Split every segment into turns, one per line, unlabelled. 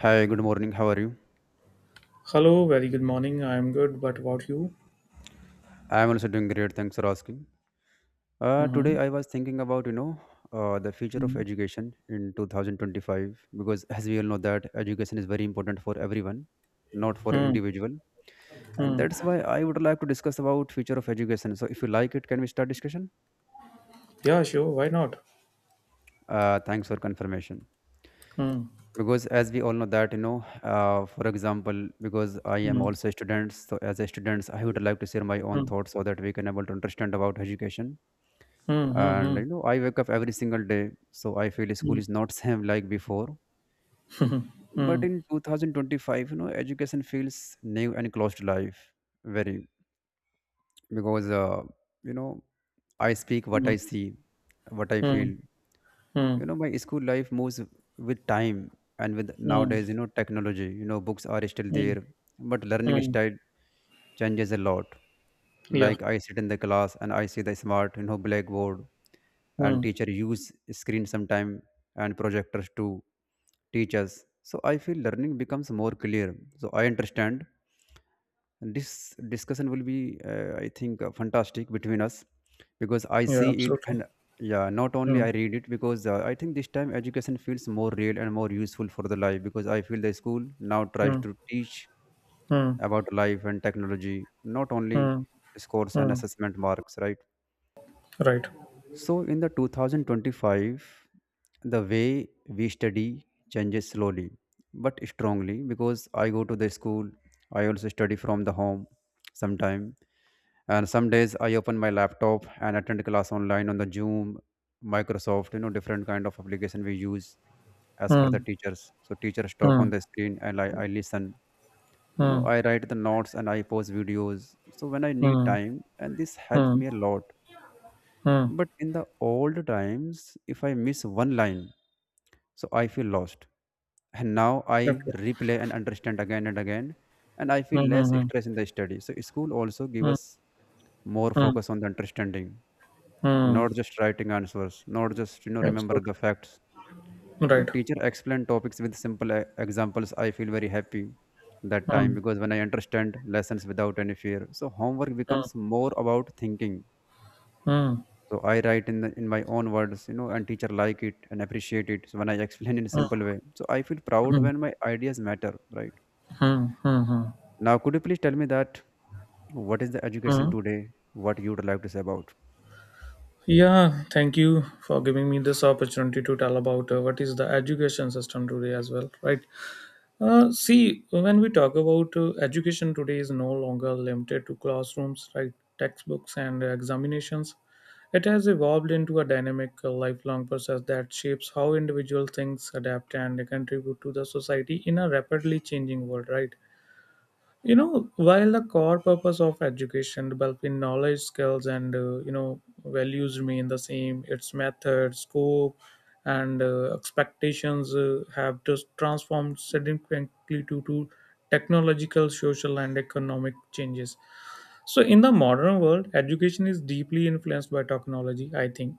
Hi, good morning. How are you?
Hello, very good morning. I'm good, but about you?
I'm also doing great. Thanks for asking. Today
Mm-hmm.
I was thinking about the future of education in 2025, because as we all know that education is very important for everyone, not for
Mm-hmm.
individual, and
Hmm.
that's why I would like to discuss about future of education. So if you like it, can we start discussion?
Yeah, sure. Why not?
Thanks for confirmation.
Mm-hmm.
Because as we all know that for example, because I am
Mm-hmm.
also a student, so as a student, I would like to share my own thoughts so that we can able to understand about education. And
Mm-hmm.
you know, I wake up every single day, so I feel school is not same like before, but
Mm-hmm.
in 2025, you know, education feels new and close to life. Very, because you know I speak what I see, what I
Mm-hmm.
feel. You know, my school life moves with time, and with nowadays, you know, technology, you know, books are still there, but learning
Mm-hmm.
style changes a lot.
Yeah.
Like I sit in the class and I see the smart, you know, blackboard, and
Mm.
teacher use screen sometime and projectors to teach us. So I feel learning becomes more clear. So I understand this discussion will be, I think, fantastic between us, because I
Yeah,
see it
absolutely.
and yeah, not only
Mm.
I read it, because I think this time education feels more real and more useful for the life, because I feel the school now tries
Mm.
to teach
Mm.
about life and technology, not only
Mm.
scores and
Mm.
assessment marks, right?
Right.
So in the 2025, the way we study changes slowly but strongly, because I go to the school, I also study from the home sometime, and some days I open my laptop and attend class online on the zoom, microsoft, you know, different kind of application we use. As for the
Mm.
teachers, so teachers talk on
Mm.
the screen, and I listen, you know,
Mm.
I write the notes and I post videos so when I need
Mm.
time, and this helped
Mm.
me a lot.
Mm.
But in the old times, if I miss one line, so I feel lost, and now I
Okay.
replay and understand again and again, and I feel less
Mm-hmm.
stress in the study. So school also give
Mm.
us more
Mm.
focus on the understanding,
Mm.
not just writing answers, not just you know, remember the
Absolutely.
facts. You know,
Right.
teacher explain topics with simple examples, I feel very happy that time,
Mm.
because when I understand lessons without any fear, so homework
Mm.
becomes more about thinking.
Mm.
So I write in my own words, you know, and teacher like it and appreciate it, so when I explain in a
Mm.
simple way, so I feel proud
Mm.
when my ideas matter, right?
Mm. Mm.
Now could you please tell me that, what is the education
Uh,
today, what you would like to say about?
yeah, thank you for giving me this opportunity to tell about what is the education system today as well, right? See, when we talk about education today is no longer limited to classrooms, right? Textbooks and examinations. It has evolved into a dynamic, lifelong process that shapes how individual things adapt and contribute to the society in a rapidly changing world, right? While the core purpose of education developing knowledge skills and values remain the same, its method scope and expectations have just transformed significantly due to technological, social and economic changes. So in the modern world, education is deeply influenced by technology, I think.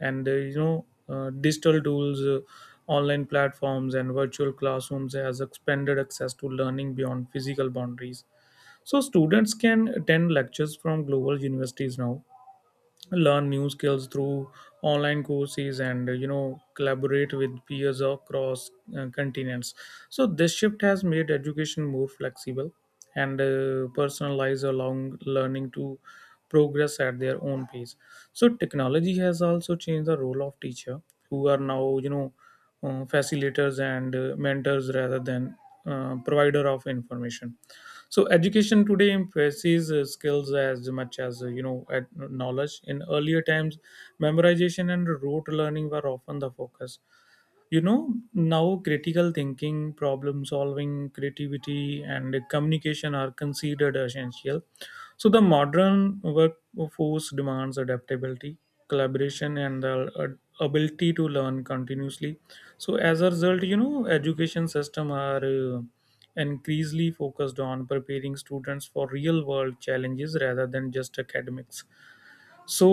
And digital tools, online platforms and virtual classrooms has expanded access to learning beyond physical boundaries. So students can attend lectures from global universities now, learn new skills through online courses, and collaborate with peers across continents. So this shift has made education more flexible and personalized, allowing learning to progress at their own pace. So technology has also changed the role of teacher, who are now facilitators and mentors rather than provider of information. So education today emphasizes skills as much as at knowledge. In earlier times, memorization and rote learning were often the focus. Now, critical thinking, problem solving, creativity and communication are considered essential. So the modern workforce demands adaptability, collaboration and the ability to learn continuously. So as a result, education system are increasingly focused on preparing students for real world challenges rather than just academics. So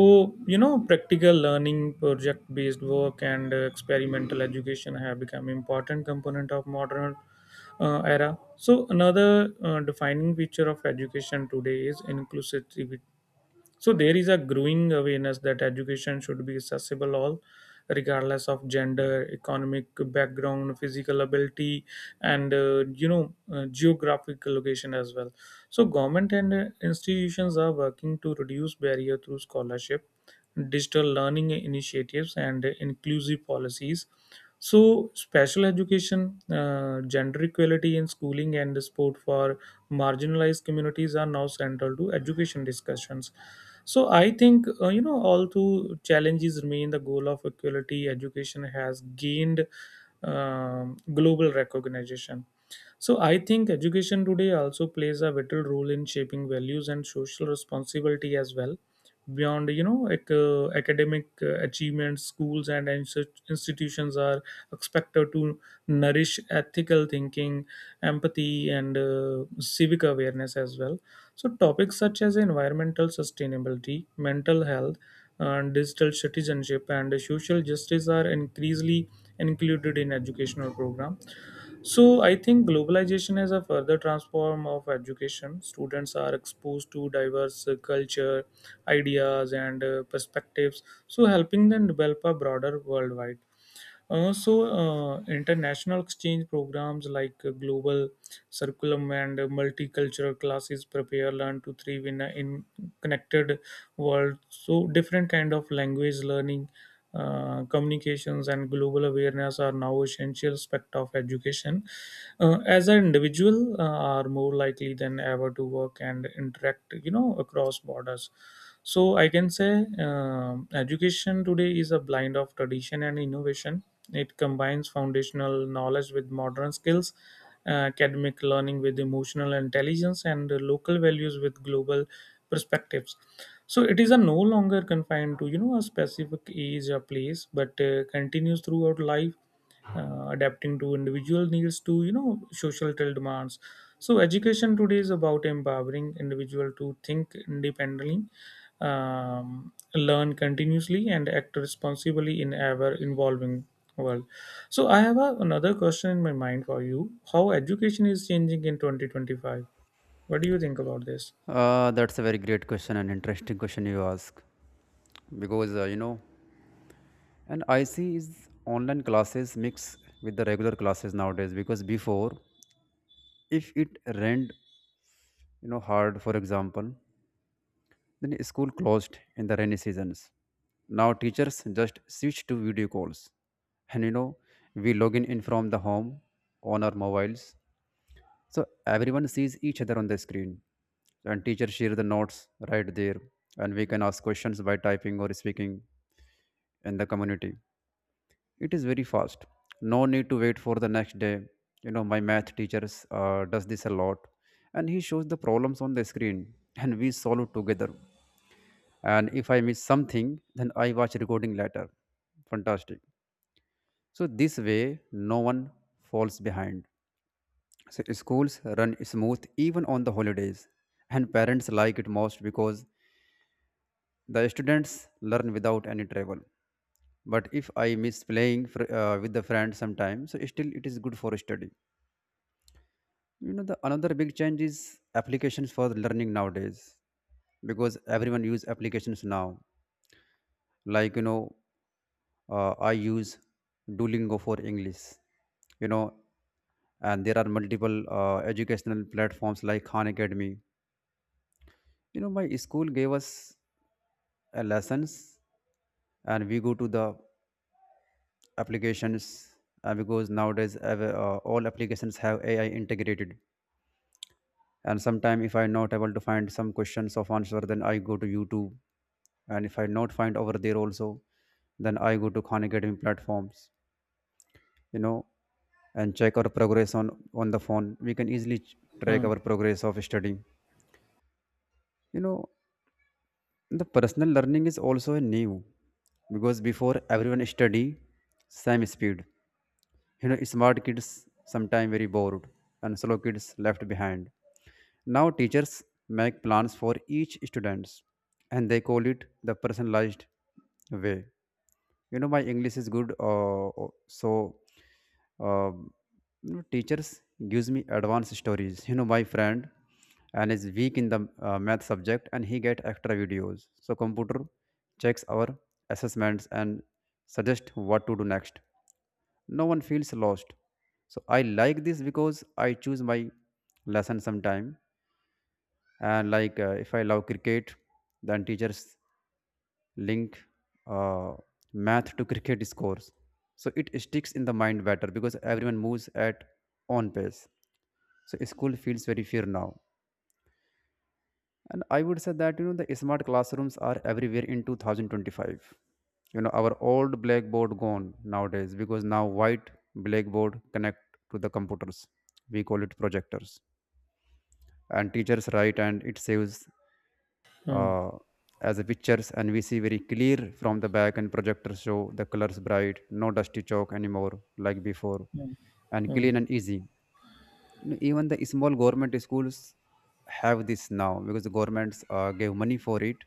practical learning, project based work and experimental education have become important component of modern era. So another defining feature of education today is inclusivity. So there is a growing awareness that education should be accessible all, regardless of gender, economic background, physical ability and geographic location as well. So government and institutions are working to reduce barrier through scholarship, digital learning initiatives and inclusive policies. So special education, gender equality in schooling and support for marginalized communities are now central to education discussions. So I think all two challenges remain. The goal of equality education has gained global recognition. So I think education today also plays a vital role in shaping values and social responsibility as well. Beyond academic achievements, schools and institutions are expected to nourish ethical thinking, empathy and civic awareness as well. So topics such as environmental sustainability, mental health, and digital citizenship and social justice are increasingly included in educational programs. So I think globalization is a further transform of education. Students are exposed to diverse culture, ideas and perspectives, so helping them develop a broader worldwide. So international exchange programs like global curriculum and multicultural classes prepare learn to thrive in a in connected world. So different kind of language learning, communications and global awareness are now essential aspect of education, as an individual are more likely than ever to work and interact across borders. So I can say, education today is a blend of tradition and innovation. It combines foundational knowledge with modern skills, academic learning with emotional intelligence and local values with global perspectives. So it is a no longer confined to a specific age or place, but continues throughout life, adapting to individual needs to social demands. So education today is about empowering individual to think independently, learn continuously and act responsibly in ever evolving world. So I have another question in my mind for you. How education is changing in 2025? What do you think about this?
That's a very great question and interesting question you ask, because and I see is online classes mix with the regular classes nowadays, because before, if it rained, you know, hard for example, then school closed in the rainy seasons. Now teachers just switch to video calls, and you know, we log in from the home on our mobiles, so everyone sees each other on the screen, and teachers share the notes right there, and we can ask questions by typing or speaking in the community. It is very fast. No need to wait for the next day. You know, my math teacher does this a lot, and he shows the problems on the screen, and we solve together. And if I miss something, then I watch recording later. Fantastic. So this way, no one falls behind. So schools run smooth even on the holidays, and parents like it most because the students learn without any travel. But if I miss playing with the friend sometimes, so still it is good for study. You know, the another big change is applications for learning nowadays, because everyone use applications now, like you know, I use duolingo for english, you know, and there are multiple educational platforms like khan academy. You know, my school gave us lessons, and we go to the applications, because nowadays all applications have ai integrated, and sometime if I not able to find some questions of answer, then I go to youtube, and if I not find over there also, then I go to khan academy platforms, you know, and check our progress on the phone. We can easily track
Hmm,
our progress of studying. You know, the personal learning is also a new, because before everyone study same speed. You know, smart kids sometimes very bored and slow kids left behind. Now teachers make plans for each students, and they call it the personalized way. You know, my English is good, so, uh, teachers gives me advanced stories. You know, my friend and is weak in the math subject, and he get extra videos. So computer checks our assessments and suggest what to do next. No one feels lost. So I like this because I choose my lesson sometime, and like if I love cricket, then teachers link uh, math to cricket scores, so it sticks in the mind better, because everyone moves at own pace, so school feels very fear now. And I would say that you know, the smart classrooms are everywhere in 2025. You know, our old blackboard gone nowadays, because now white blackboard connect to the computers, we call it projectors, and teachers write and it saves,
hmm,
uh, as a pictures, and we see very clear from the back, and projectors show the colors bright, no dusty chalk anymore like before,
hmm,
and
hmm,
clean and easy. No, even the small government schools have this now, because the governments gave money for it,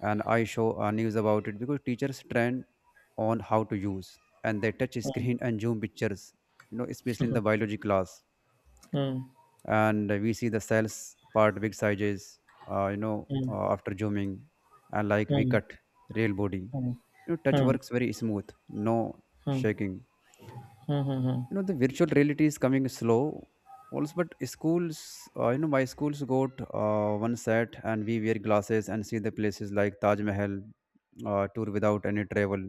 and I show news about it, because teachers train on how to use, and they touch
hmm,
screen and zoom pictures, you know, especially in the biology class,
hmm, hmm,
and we see the cells part big sizes,
hmm,
after zooming, and like
hmm,
we
hmm, hmm,
cut real body, you know, touch
hmm,
works very smooth, no shaking.
hmm, hmm,
You know, the virtual reality is coming slow also, but schools, you know, my schools got one set, and we wear glasses and see the places like taj mahal, tour without any travel,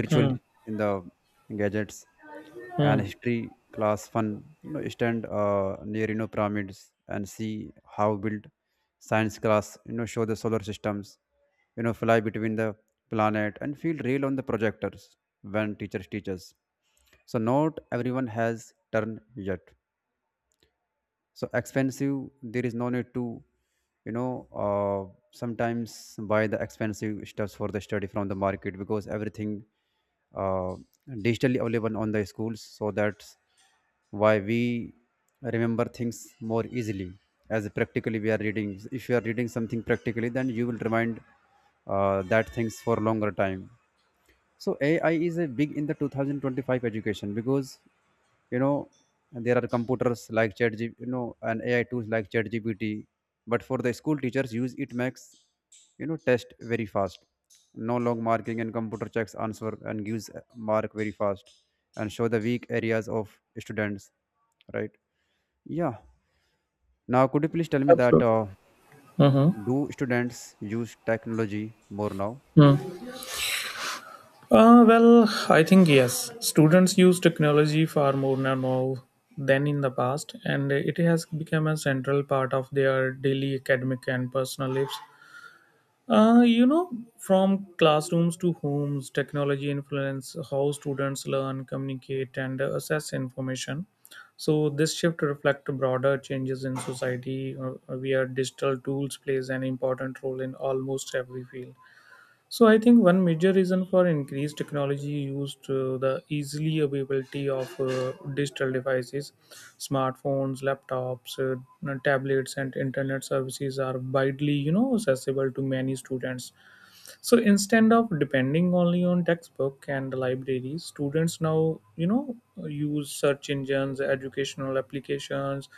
virtual,
hmm.
in the gadgets, and
Hmm.
history class fun, you know, stand near you know, pyramids and see how built. Science class, you know, show the solar systems, you know, fly between the planet and feel real on the projectors when teachers teach us. So not everyone has turned yet, so expensive. There is no need to, you know uh, sometimes buy the expensive stuffs for the study from the market, because everything uh, digitally available on the schools, so that's why we remember things more easily, as practically we are reading. If you are reading something practically, then you will remind that things for longer time. So AI is a big in the 2025 education, because you know, there are computers like you know, and AI tools like chat GPT, but for the school teachers use it, makes you know test very fast, no long marking, and computer checks answer and gives mark very fast, and show the weak areas of students, right? Yeah. Now could you please tell me that,
Absolutely. Hmm.
do students use technology more now?
Well, I think yes. Students use technology far more now than in the past, and it has become a central part of their daily academic and personal lives. Uh, you know, from classrooms to homes, technology influence how students learn, communicate, and assess information. So this shift reflects broader changes in society, where digital tools plays an important role in almost every field. So I think one major reason for increased technology used the easily availability of digital devices, smartphones, laptops, tablets, and internet services are widely accessible to many students. So instead of depending only on textbook and libraries, students now use search engines, educational applications,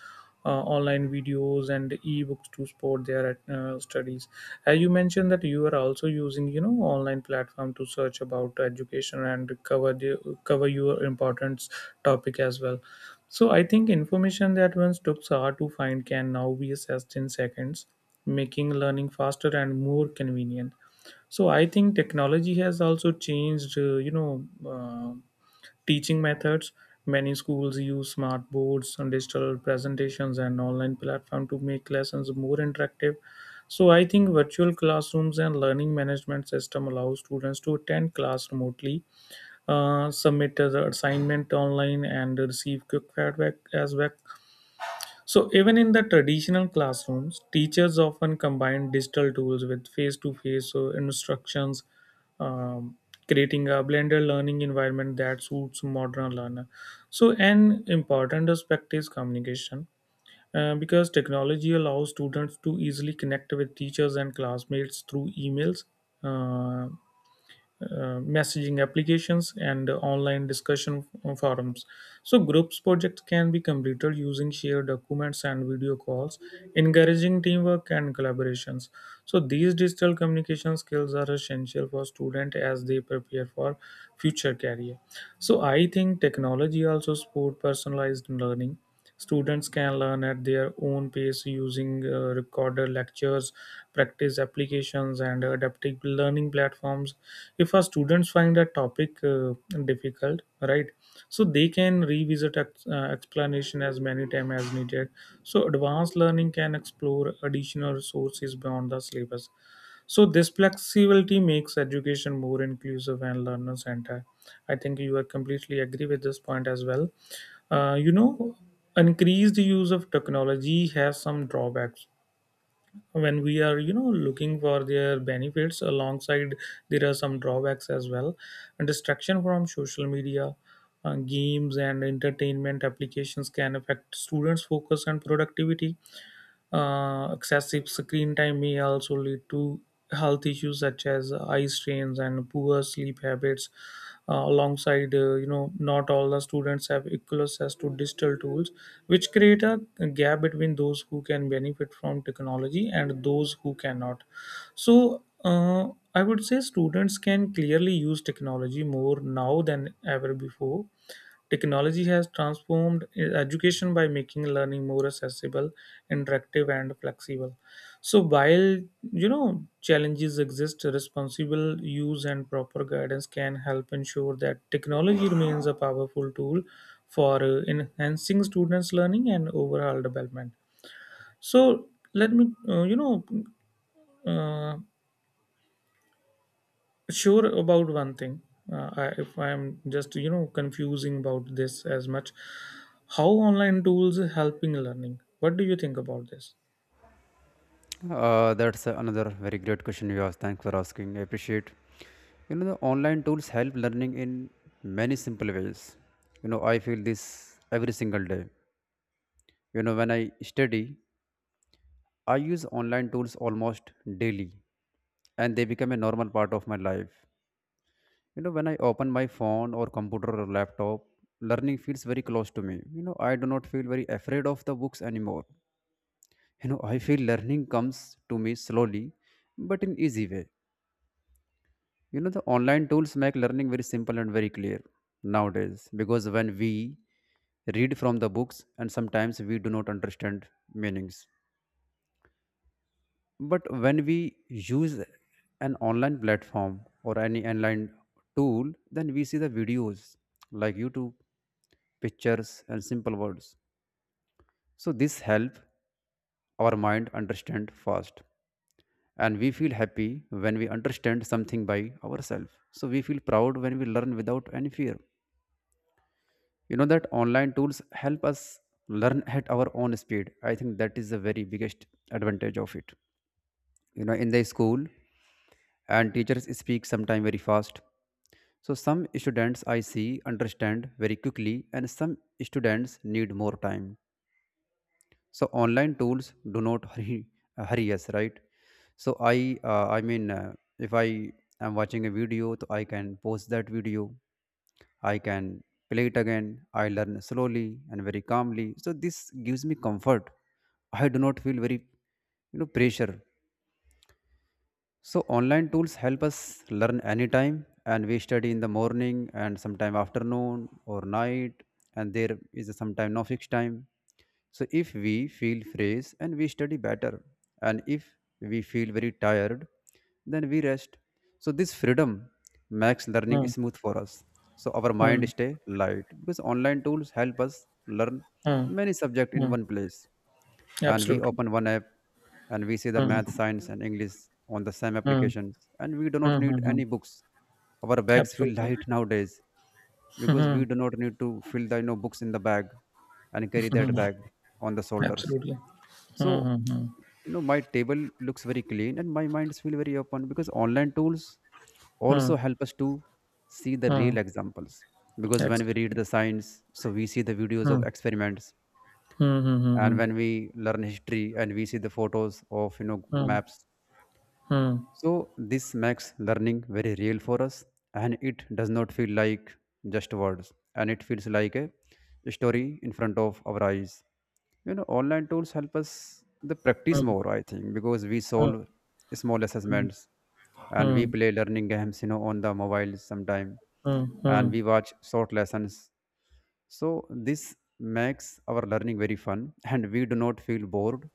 online videos and ebooks to support their studies, as you mentioned that you are also using online platform to search about education and cover your important topic as well. So I think information that once took hours to find can now be assessed in seconds, making learning faster and more convenient. So I think technology has also changed, teaching methods. Many schools use smart boards and digital presentations and online platform to make lessons more interactive. So I think virtual classrooms and learning management system allow students to attend class remotely, submit the assignment online, and receive quick feedback as well. So, even in the traditional classrooms, teachers often combine digital tools with face to face instructions, um, creating a blended learning environment that suits modern learner. So, an important aspect is communication, because technology allows students to easily connect with teachers and classmates through emails, uh, messaging applications and online discussion forums. So, groups projects can be completed using shared documents and video calls, encouraging teamwork and collaborations. So, these digital communication skills are essential for students as they prepare for future career. So, I think technology also support personalized learning. Students can learn at their own pace using recorded lectures, practice applications, and adaptive learning platforms. If our students find a topic difficult, right, so they can revisit explanation as many times as needed. So advanced learning can explore additional resources beyond the syllabus. So this flexibility makes education more inclusive and learner centered. I think you are completely agree with this point as well. Uh, you know, Increased use of technology has some drawbacks. When we are looking for their benefits, alongside there are some drawbacks as well. And distraction from social media, games, and entertainment applications can affect students' focus and productivity. Excessive screen time may also lead to health issues such as eye strains and poor sleep habits. Alongside, not all the students have equal access to digital tools, which create a gap between those who can benefit from technology and those who cannot. So, I would say students can clearly use technology more now than ever before. Technology has transformed education by making learning more accessible, interactive, and flexible. So, while challenges exist, responsible use and proper guidance can help ensure that technology remains a powerful tool for enhancing students' learning and overall development. So, let me uh, sure about one thing. If I'm just confusing about this as much, how online tools helping learning? What do you think about this?
That's another very great question you asked. Thanks for asking. I appreciate. You know, the online tools help learning in many simple ways. You know, I feel this every single day. You know, when I study, I use online tools almost daily, and they become a normal part of my life. You know, when I open my phone or computer or laptop, learning feels very close to me. You know, I do not feel very afraid of the books anymore. You know, I feel learning comes to me slowly, but in easy way. You know, the online tools make learning very simple and very clear nowadays, because when we read from the books, and sometimes we do not understand meanings. But when we use an online platform or any online tool, then we see the videos like YouTube, pictures, and simple words. So this help our mind understand fast, and we feel happy when we understand something by ourselves. So we feel proud when we learn without any fear. You know that online tools help us learn at our own speed. I think that is the very biggest advantage of it. You know, in the school and teachers speak sometime very fast, so some students I see understand very quickly and some students need more time. So online tools do not hurry us, right? So I mean if I am watching a video, so I can post that video. I can play it again. I learn slowly and very calmly, so this gives me comfort. I do not feel very pressure. So online tools help us learn anytime, and we study in the morning and sometime afternoon or night, and there is sometime no fixed time. So if we feel fresh and we study better, and if we feel very tired, then we rest. So this freedom makes learning
Hmm,
smooth for us. So our
hmm,
mind stay light because online tools help us learn
hmm,
many subject in
hmm.
one place, and we
Absolutely.
open one app and we see the
Hmm,
math science and english on the same
hmm,
applications, and we do not
hmm, hmm,
need
hmm.
any books. Our bags feel
Absolutely.
light nowadays because we do not need to fill the books in the bag and carry that bag on the shoulders.
Absolutely. Hmm,
So
hmm, hmm,
my table looks very clean and my minds feel very open because online tools
hmm,
also help us to see the
hmm.
real examples. Because when we read
Exactly.
the science, so we see the videos of
Hmm,
experiments,
hmm, hmm,
and
hmm,
when we learn history and we see the photos of
hmm.
maps,
Hmm,
so this makes learning very real for us, and it does not feel like just words, and it feels like a story in front of our eyes. You know online tools help us the practice
hmm,
more, I think, because we solve small
hmm,
assessments,
hmm,
and we
hmm,
play learning games, on the mobile sometime,
hmm, hmm,
and
hmm,
we watch short lessons. So this makes our learning very fun, and we do not feel bored,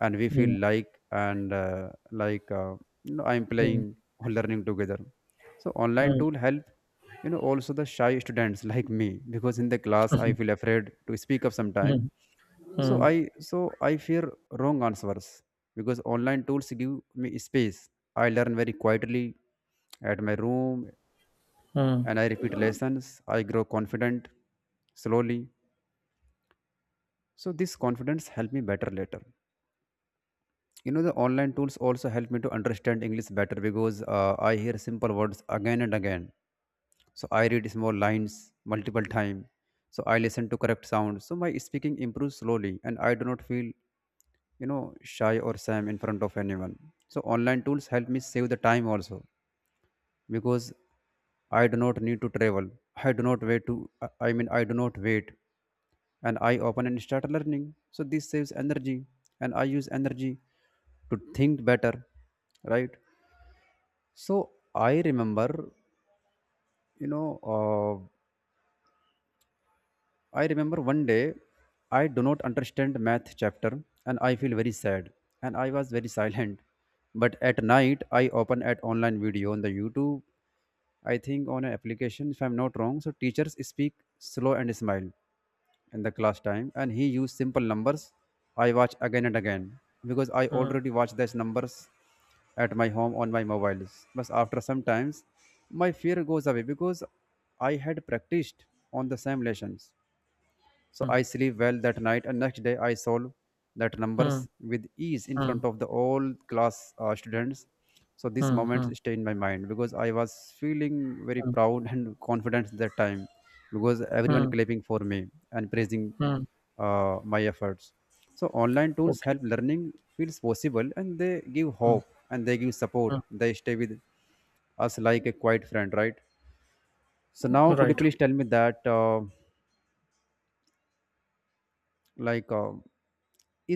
and we feel like, you know, I'm playing or learning together. So online tool help, also the shy students like me, because in the class I feel afraid to speak up
hmm, hmm, hmm, hmm, hmm,
sometime. So
hmm,
I fear wrong answers because online tools give me space. I learn very quietly at my room,
hmm,
and I repeat lessons. I grow confident slowly. So this confidence helped me better later. You know, the online tools also helped me to understand English better because I hear simple words again and again. So I read small lines multiple times. So I listen to correct sounds. So my speaking improves slowly, and I do not feel, you know, shy or sam in front of anyone. So online tools help me save the time also because I do not need to travel. I do not wait to, I mean, I do not wait, and I open and start learning. So this saves energy, and I use energy to think better, right? So I remember, you know, uh, I remember one day I do not understand math chapter and I feel very sad, and I was very silent. But at night I open at online video on the YouTube, I think on an application, if I'm not wrong. So teachers speak slow and smile in the class time, and he used simple numbers. I watch again and again because I
hmm,
already watch these numbers at my home on my mobiles. But after some times, my fear goes away because I had practiced on the same lessons. So I sleep well that night, and next day I solve that
hmm,
numbers with ease in
hmm,
front of the all class students. So this
Mm,
moment
mm,
stay in my mind because I was feeling very
mm,
proud and confident that time because everyone
mm,
clapping for me and praising
mm.
my efforts. So online tools
Okay.
help learning feels possible, and they give hope and they give support.
Mm.
They stay with us like a quiet friend, right? So now could you
Right.
please tell me that? Like uh,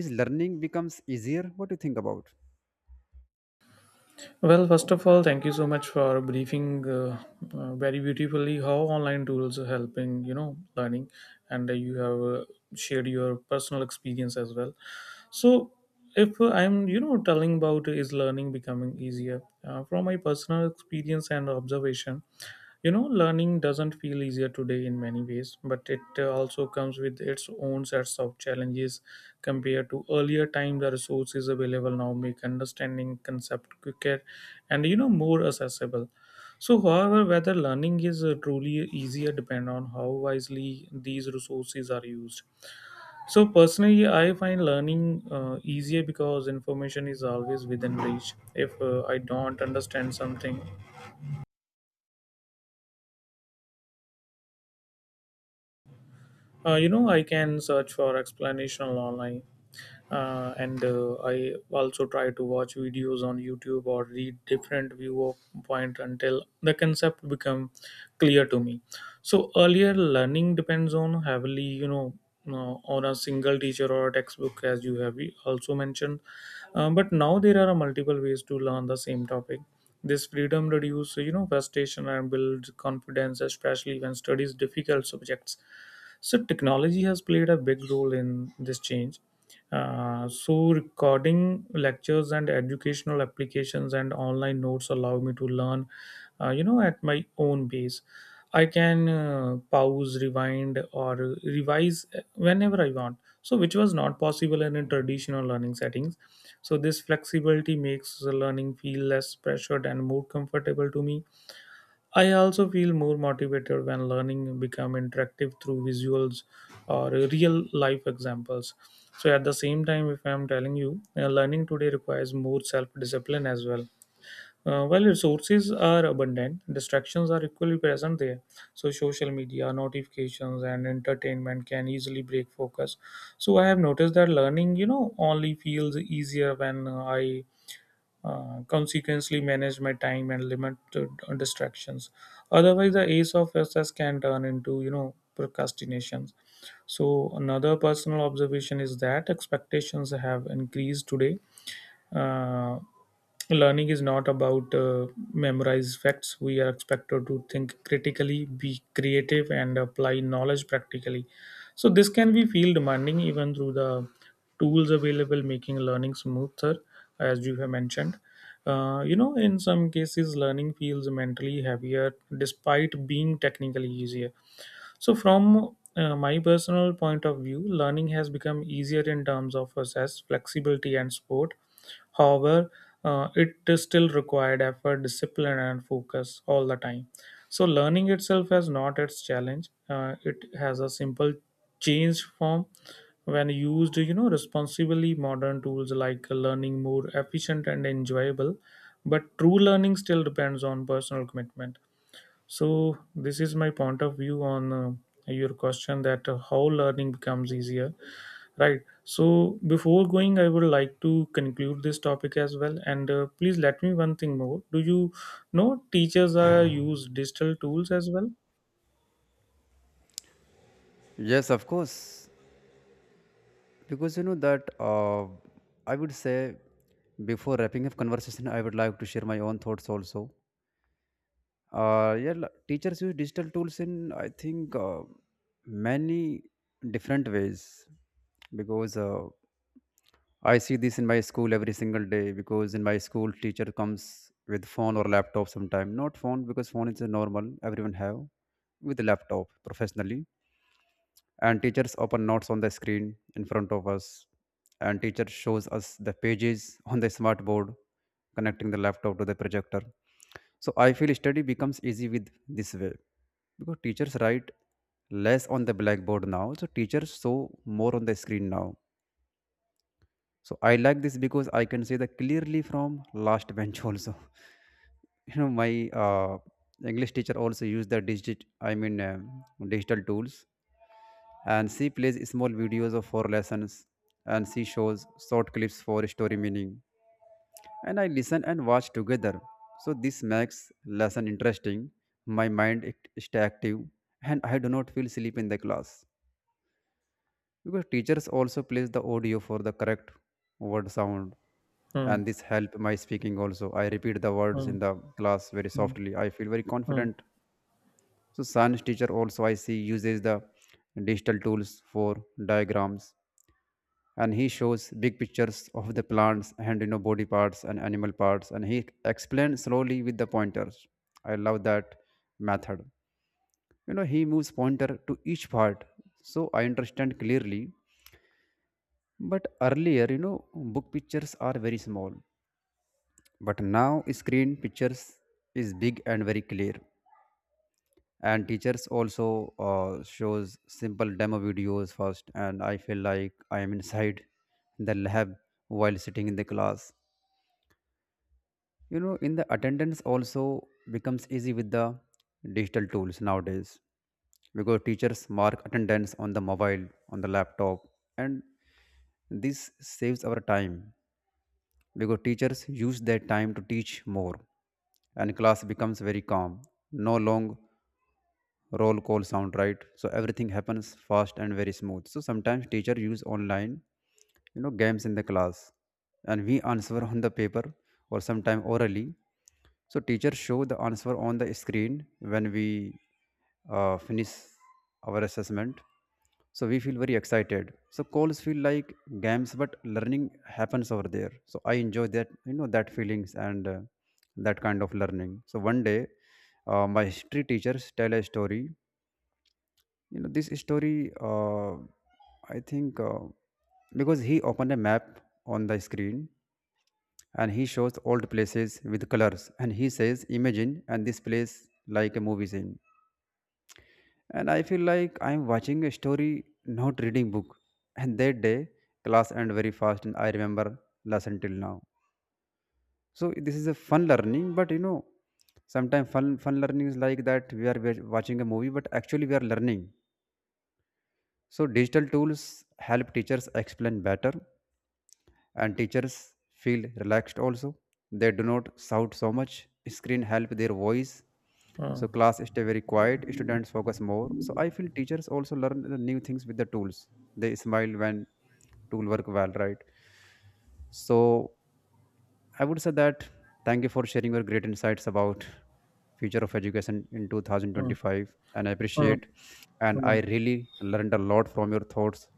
is learning becomes easier, what do you think about?
Well, first of all, thank you so much for briefing very beautifully how online tools are helping, learning, and you have shared your personal experience as well. So, if I'm, telling about is learning becoming easier from my personal experience and observation, learning doesn't feel easier today in many ways, but it also comes with its own sets of challenges compared to earlier time. The resources available now make understanding concept quicker and more accessible. So, however, whether learning is truly easier depend on how wisely these resources are used. So, personally, I find learning easier because information is always within reach. If I don't understand something, I can search for explanation online, and I also try to watch videos on YouTube or read different viewpoint until the concept become clear to me. So earlier, learning depends on heavily, on a single teacher or a textbook, as you have also mentioned. But now there are multiple ways to learn the same topic. This freedom reduces, frustration and builds confidence, especially when studies difficult subjects. So technology has played a big role in this change. So recording lectures and educational applications and online notes allow me to learn, at my own pace. I can pause, rewind, or revise whenever I want. So which was not possible in a traditional learning settings. So this flexibility makes the learning feel less pressured and more comfortable to me. I also feel more motivated when learning become interactive through visuals or real life examples. So at the same time, if I'm telling you, learning today requires more self discipline as well. While resources are abundant, distractions are equally present there. So social media, notifications, and entertainment can easily break focus. So I have noticed that learning, only feels easier when I consequently, manage my time and limit the distractions. Otherwise, the ace of success can turn into procrastinations. So another personal observation is that expectations have increased today. uh, Learning is not about memorize facts. We are expected to think critically, be creative and apply knowledge practically. So this can be feel demanding even through the tools available, making learning smoother, as you have mentioned. In some cases, learning feels mentally heavier despite being technically easier. So, from my personal point of view, learning has become easier in terms of access, flexibility, and support. However, it is still required effort, discipline, and focus all the time. So, learning itself has not its challenge. It has a simple changed form when used, responsibly. Modern tools like learning more efficient and enjoyable, but true learning still depends on personal commitment. So this is my point of view on your question that how learning becomes easier, right? So before going, I would like to conclude this topic as well. And please let me one thing more. Do you know teachers are use digital tools as well?
Yes, of course, because you know that I would say before wrapping up conversation I would like to share my own thoughts also. Yeah, teachers use digital tools in, I think, many different ways because I see this in my school every single day because in my school teacher comes with phone or laptop sometime. Not phone because phone is a normal everyone have. With laptop professionally, and teachers open notes on the screen in front of us, and teacher shows us the pages on the smart board connecting the laptop to the projector. So I feel study becomes easy with this way because teachers write less on the blackboard now, so teachers show more on the screen now. So I like this because I can see that clearly from last bench also. You know, my English teacher also used the digital tools, and she plays small videos of for lessons, and she shows short clips for story meaning, and I listen and watch together. So this makes lesson interesting. My mind it stay active, and I do not feel sleep in the class because teachers also plays the audio for the correct word sound,
Hmm.
and this help my speaking also. I repeat the words
Hmm.
in the class very softly. I feel very
Hmm.
confident. So science teacher also I see uses the digital tools for diagrams, and he shows big pictures of the plants and, you know, body parts and animal parts, and he explains slowly with the pointers. I love that method. You know, he moves pointer to each part, so I understand clearly. But earlier, you know, book pictures are very small. But now, screen pictures is big and very clear. And teachers also shows simple demo videos first, and I feel like I am inside the lab while sitting in the class. You know, in the attendance also becomes easy with the digital tools nowadays because teachers mark attendance on the mobile, on the laptop, and this saves our time because teachers use that time to teach more, and class becomes very calm. No long roll call sound, right? So everything happens fast and very smooth. So sometimes teacher use online, you know, games in the class, and we answer on the paper or sometime orally. So teacher show the answer on the screen when we finish our assessment, so we feel very excited. So calls feel like games, but learning happens over there. So I enjoy that, you know, that feelings and that kind of learning. So one day my history teachers tell a story. You know this story uh, I think Because he opened a map on the screen, and he shows old places with colors, and he says imagine and this place like a movie scene, and I feel like I'm watching a story, not reading book. And that day class ended very fast, and I remember lesson till now. So this is a fun learning. But you know, sometimes fun learning is like that we are watching a movie, but actually we are learning. So digital tools help teachers explain better, and teachers feel relaxed also. They do not shout so much. Screen help their voice.
Hmm.
So class stay very quiet. Students focus more. So I feel teachers also learn the new things with the tools. They smile when tool work well, right? So I would say that thank you for sharing your great insights about future of education in
Hmm.
2025, and I
Hmm.
appreciate and
Hmm.
I really learned a lot from your thoughts.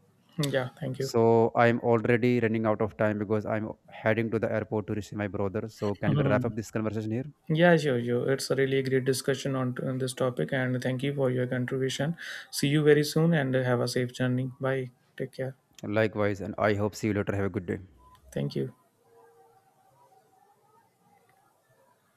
Yeah. Thank you.
So I'm already running out of time because I'm heading to the airport to receive my brother. So can we wrap
Hmm.
up this conversation here?
Yeah, sure, sure. It's a really great discussion on this topic, and thank you for your contribution. See you very soon, and have a safe journey. Bye. Take care.
Likewise, and I hope see you later. Have a good day.
Thank you.